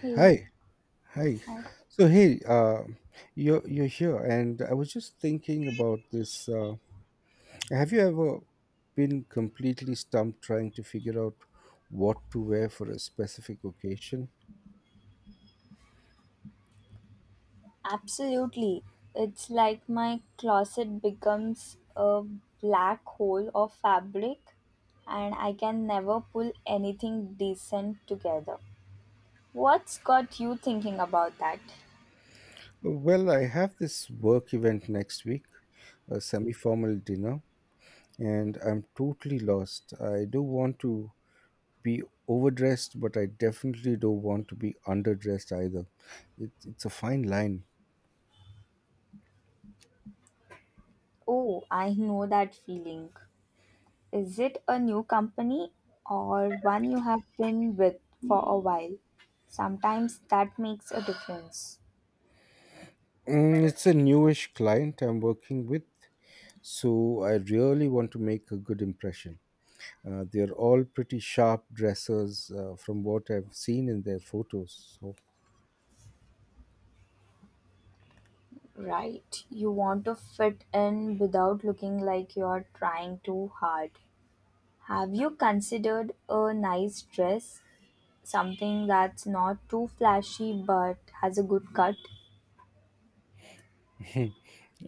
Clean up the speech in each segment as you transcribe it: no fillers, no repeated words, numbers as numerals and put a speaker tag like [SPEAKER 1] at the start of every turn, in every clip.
[SPEAKER 1] Hey,
[SPEAKER 2] Hi, hi.
[SPEAKER 1] hi.
[SPEAKER 2] So hey, you're here, and I was just thinking about this. Have you ever been completely stumped trying to figure out what to wear for a specific occasion?
[SPEAKER 1] Absolutely. It's like my closet becomes a black hole of fabric and I can never pull anything decent together. What's got you thinking about that?
[SPEAKER 2] Well, I have this work event next week, a semi-formal dinner, and I'm totally lost. I don't want to be overdressed, but I definitely don't want to be underdressed either. It's a fine line.
[SPEAKER 1] Oh, I know that feeling. Is it a new company or one you have been with for a while? Sometimes that makes a difference.
[SPEAKER 2] Mm, it's a newish client I'm working with, so I really want to make a good impression. They're all pretty sharp dressers from what I've seen in their photos. So
[SPEAKER 1] Right. You want to fit in without looking like you're trying too hard. Have you considered a nice dress? Something that's not too flashy but has a good cut?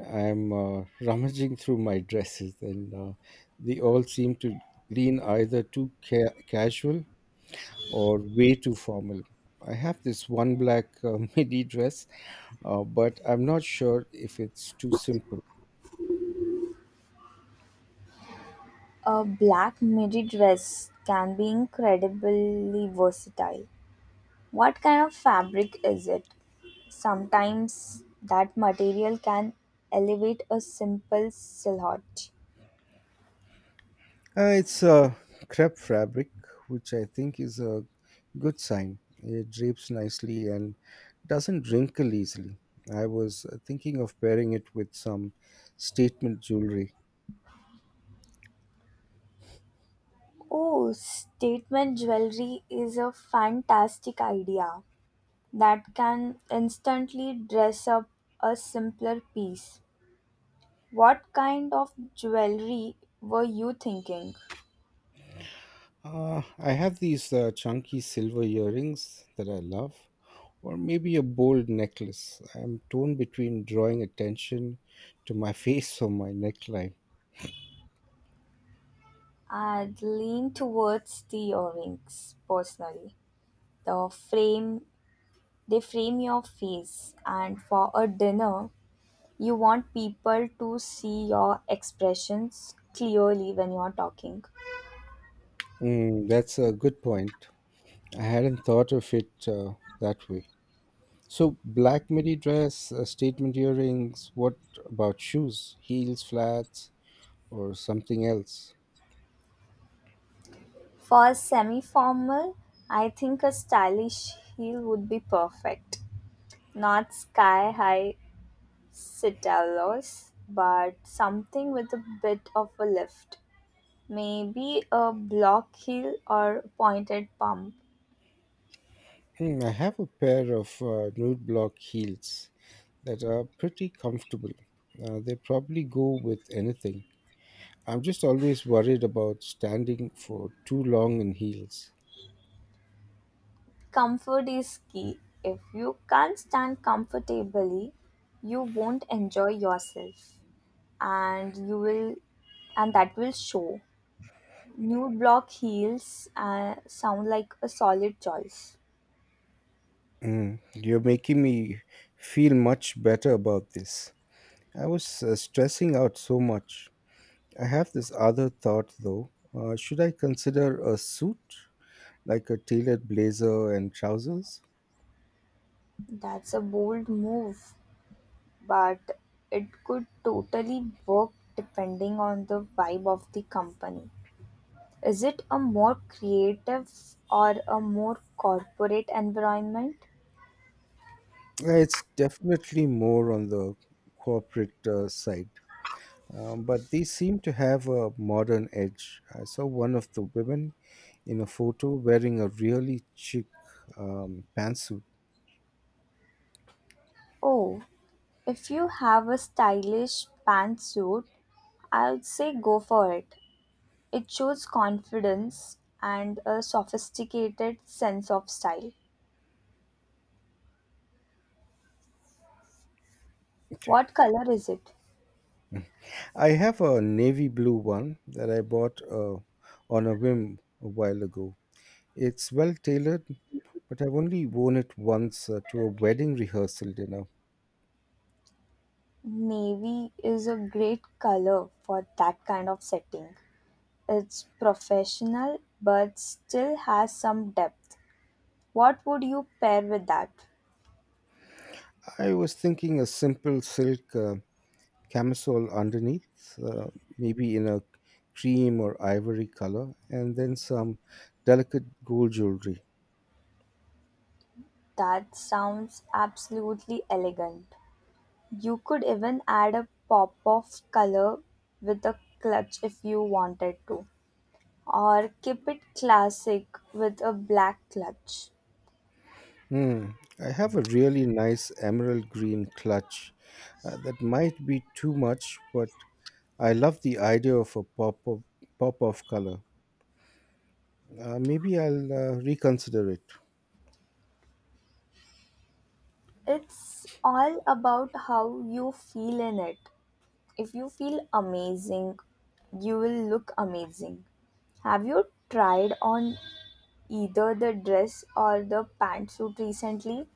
[SPEAKER 2] I'm rummaging through my dresses, and they all seem to lean either too casual or way too formal. I have this one black midi dress, but I'm not sure if it's too simple.
[SPEAKER 1] A black midi dress can be incredibly versatile. What kind of fabric is it? Sometimes that material can elevate a simple silhouette.
[SPEAKER 2] It's a crepe fabric, which I think is a good sign. It drapes nicely and doesn't wrinkle easily. I was thinking of pairing it with some statement jewelry.
[SPEAKER 1] Oh, statement jewelry is a fantastic idea that can instantly dress up a simpler piece. What kind of jewelry were you thinking?
[SPEAKER 2] I have these chunky silver earrings that I love, or maybe a bold necklace. I'm torn between drawing attention to my face or my neckline.
[SPEAKER 1] I'd lean towards the earrings personally. The frame they frame your face and for a dinner you want people to see your expressions clearly when you're talking.
[SPEAKER 2] Mm, that's a good point. I hadn't thought of it that way. So black midi dress, statement earrings. What about shoes? Heels, flats, or something else?
[SPEAKER 1] For semi-formal, I think a stylish heel would be perfect. Not sky-high citalos, but something with a bit of a lift. Maybe a block heel or pointed pump.
[SPEAKER 2] Hmm, I have a pair of nude block heels that are pretty comfortable. They probably go with anything. I'm just always worried about standing for too long in heels.
[SPEAKER 1] Comfort is key. If you can't stand comfortably, you won't enjoy yourself and you will and that will show. New block heels sound like a solid choice.
[SPEAKER 2] Mm, you're making me feel much better about this. I was stressing out so much. I have this other thought though. Should I consider a suit, like a tailored blazer and trousers?
[SPEAKER 1] That's a bold move, but it could totally work depending on the vibe of the company. Is it a more creative or a more corporate environment?
[SPEAKER 2] It's definitely more on the corporate side, but they seem to have a modern edge. I saw one of the women in a photo wearing a really chic pantsuit.
[SPEAKER 1] Oh, if you have a stylish pantsuit, I'll say go for it. It shows confidence and a sophisticated sense of style.
[SPEAKER 2] Okay.
[SPEAKER 1] What color is it?
[SPEAKER 2] I have a navy blue one that I bought on a whim a while ago. It's well tailored but I've only worn it once to a wedding rehearsal dinner.
[SPEAKER 1] Navy is a great color for that kind of setting. It's professional but still has some depth. What would you pair with that?
[SPEAKER 2] I was thinking a simple silk camisole underneath, maybe in a cream or ivory color, and then some delicate gold jewelry.
[SPEAKER 1] That sounds absolutely elegant. You could even add a pop of color with a clutch if you wanted to, or keep it classic with a black clutch.
[SPEAKER 2] Hmm. I have a really nice emerald green clutch that might be too much, but I love the idea of a pop of color. Maybe I'll reconsider it.
[SPEAKER 1] It's all about how you feel in it. If you feel amazing, you will look amazing. Have you tried on either the dress or the pantsuit recently?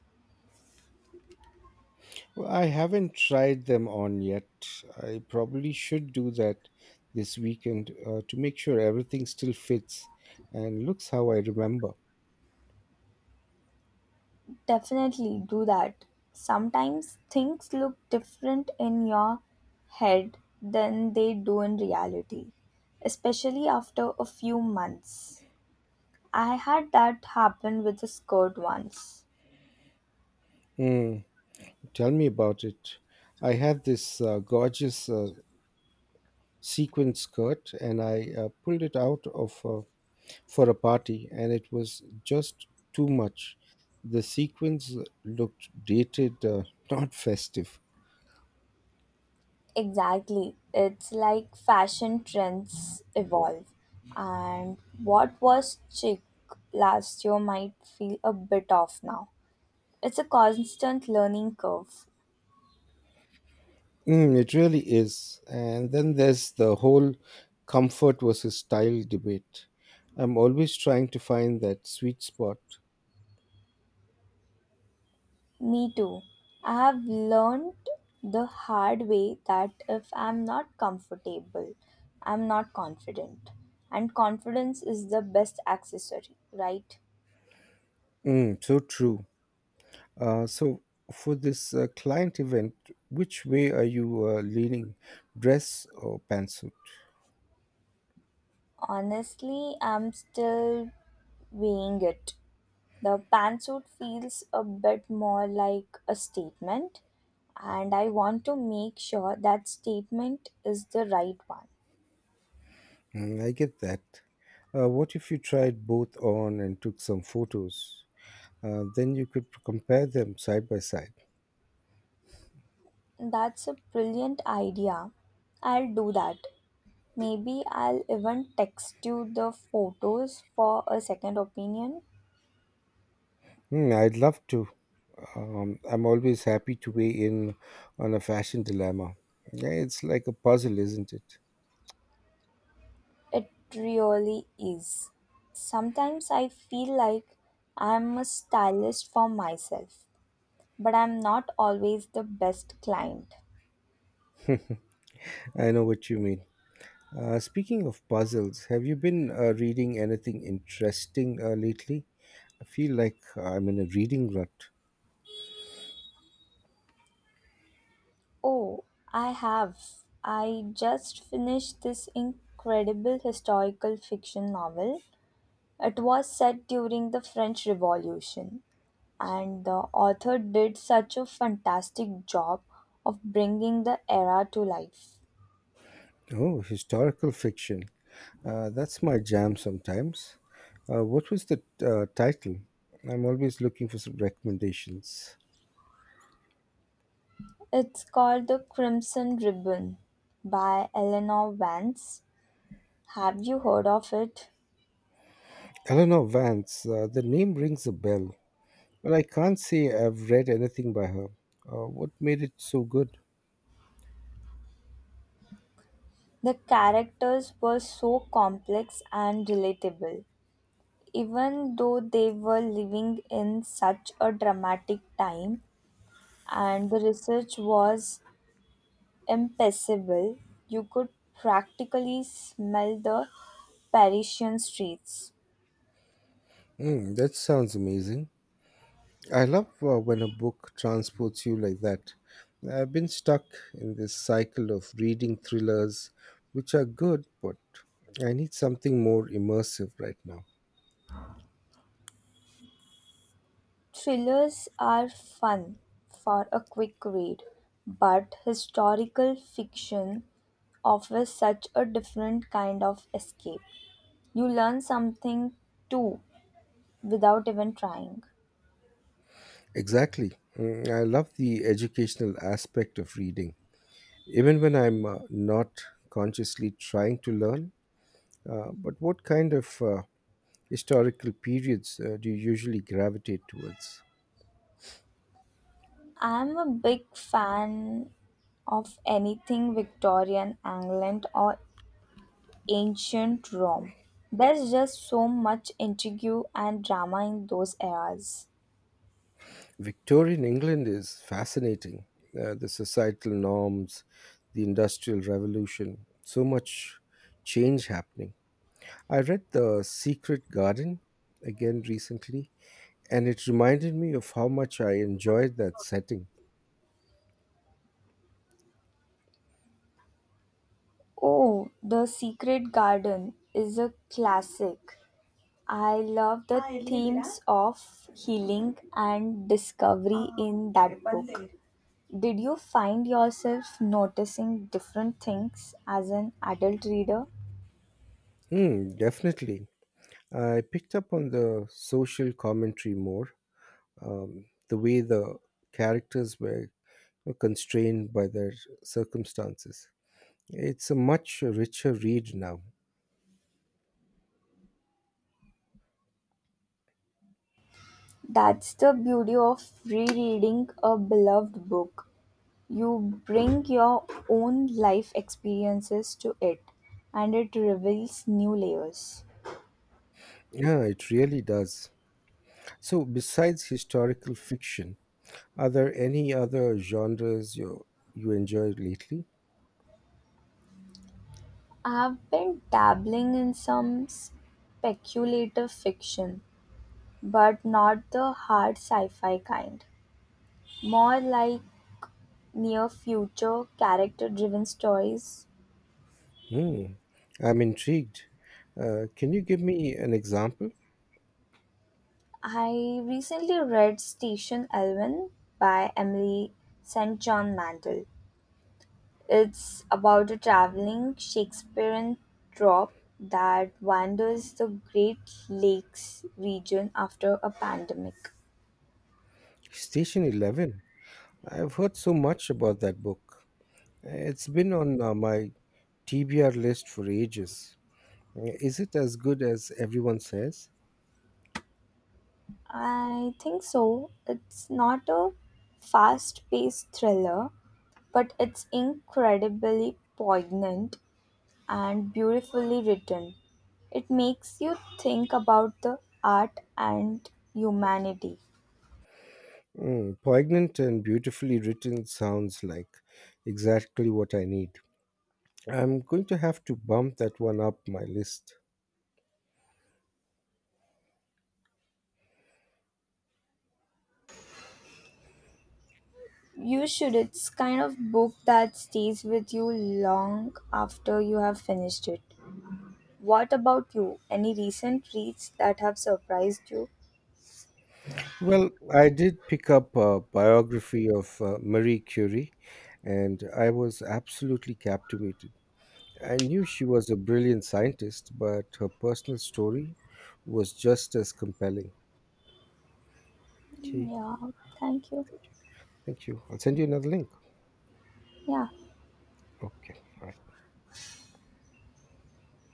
[SPEAKER 2] Well, I haven't tried them on yet. I probably should do that this weekend to make sure everything still fits and looks how I remember.
[SPEAKER 1] Definitely do that. Sometimes things look different in your head than they do in reality, especially after a few months. I had that happen with a skirt once.
[SPEAKER 2] Mm, tell me about it. I had this gorgeous sequin skirt and I pulled it out of for a party and it was just too much. The sequins looked dated, not festive.
[SPEAKER 1] Exactly. It's like fashion trends evolve, and what was chic last year might feel a bit off now. It's a constant learning curve.
[SPEAKER 2] Mm, it really is. And then there's the whole comfort versus style debate. I'm always trying to find that sweet spot.
[SPEAKER 1] Me too. I have learned the hard way that if I'm not comfortable, I'm not confident. And confidence is the best accessory, right?
[SPEAKER 2] Mm, so true. So, for this client event, which way are you leaning, dress or pantsuit?
[SPEAKER 1] Honestly, I'm still weighing it. The pantsuit feels a bit more like a statement, and I want to make sure that statement is the right one.
[SPEAKER 2] Mm, I get that. What if you tried both on and took some photos? Then you could compare them side by side.
[SPEAKER 1] That's a brilliant idea. I'll do that. Maybe I'll even text you the photos for a second opinion.
[SPEAKER 2] Hmm, I'd love to. I'm always happy to weigh in on a fashion dilemma. Yeah, it's like a puzzle, isn't it?
[SPEAKER 1] It really is. Sometimes I feel like I'm a stylist for myself, but I'm not always the best client.
[SPEAKER 2] I know what you mean. Speaking of puzzles, have you been reading anything interesting lately? I feel like I'm in a reading rut.
[SPEAKER 1] Oh, I have. I just finished this incredible historical fiction novel. It was set during the French Revolution, and the author did such a fantastic job of bringing the era to life.
[SPEAKER 2] Oh, historical fiction. That's my jam sometimes. What was the title? I'm always looking for some recommendations.
[SPEAKER 1] It's called The Crimson Ribbon by Eleanor Vance. Have you heard of it?
[SPEAKER 2] Eleanor Vance. The name rings a bell. Well, I can't say I've read anything by her. What made it so good?
[SPEAKER 1] The characters were so complex and relatable, even though they were living in such a dramatic time, and the research was impassable. You could practically smell the Parisian streets.
[SPEAKER 2] Mm, that sounds amazing. I love when a book transports you like that. I've been stuck in this cycle of reading thrillers, which are good, but I need something more immersive right now.
[SPEAKER 1] Thrillers are fun for a quick read, but historical fiction offers such a different kind of escape. You learn something too without even trying.
[SPEAKER 2] Exactly. Mm, I love the educational aspect of reading, even when I'm not consciously trying to learn. But what kind of historical periods do you usually gravitate towards?
[SPEAKER 1] I'm a big fan of anything Victorian, England, or ancient Rome. There's just so much intrigue and drama in those eras.
[SPEAKER 2] Victorian England is fascinating. The societal norms, the Industrial Revolution, so much change happening. I read The Secret Garden again recently, and it reminded me of how much I enjoyed that setting.
[SPEAKER 1] Oh, The Secret Garden is a classic. I love the themes of healing and discovery in that book. Did you find yourself noticing different things as an adult reader?
[SPEAKER 2] Hmm, definitely. I picked up on the social commentary more, the way the characters were constrained by their circumstances. It's a much richer read now.
[SPEAKER 1] That's the beauty of rereading a beloved book. You bring your own life experiences to it, and it reveals new layers.
[SPEAKER 2] Yeah, it really does. So, besides historical fiction, are there any other genres you enjoyed lately?
[SPEAKER 1] I've been dabbling in some speculative fiction, but not the hard sci fi kind. More like near future character driven stories.
[SPEAKER 2] Hmm, I'm intrigued. Can you give me an example?
[SPEAKER 1] I recently read Station Elwyn by Emily St. John Mandel. It's about a traveling Shakespearean troupe that wanders the Great Lakes region after a pandemic.
[SPEAKER 2] Station 11. I've heard so much about that book. It's been on my TBR list for ages. Is it as good as everyone says?
[SPEAKER 1] I think so. It's not a fast paced thriller, but it's incredibly poignant and beautifully written. It makes you think about the art and humanity.
[SPEAKER 2] Mm, poignant and beautifully written sounds like exactly what I need. I'm going to have to bump that one up my list.
[SPEAKER 1] You should. It's kind of book that stays with you long after you have finished it. What about you? Any recent reads that have surprised you?
[SPEAKER 2] Well, I did pick up a biography of Marie Curie, and I was absolutely captivated. I knew she was a brilliant scientist, but her personal story was just as compelling.
[SPEAKER 1] Mm,
[SPEAKER 2] Okay,
[SPEAKER 1] yeah, thank you.
[SPEAKER 2] thank you. Thank you. I'll send you another link.
[SPEAKER 1] Yeah.
[SPEAKER 2] Okay.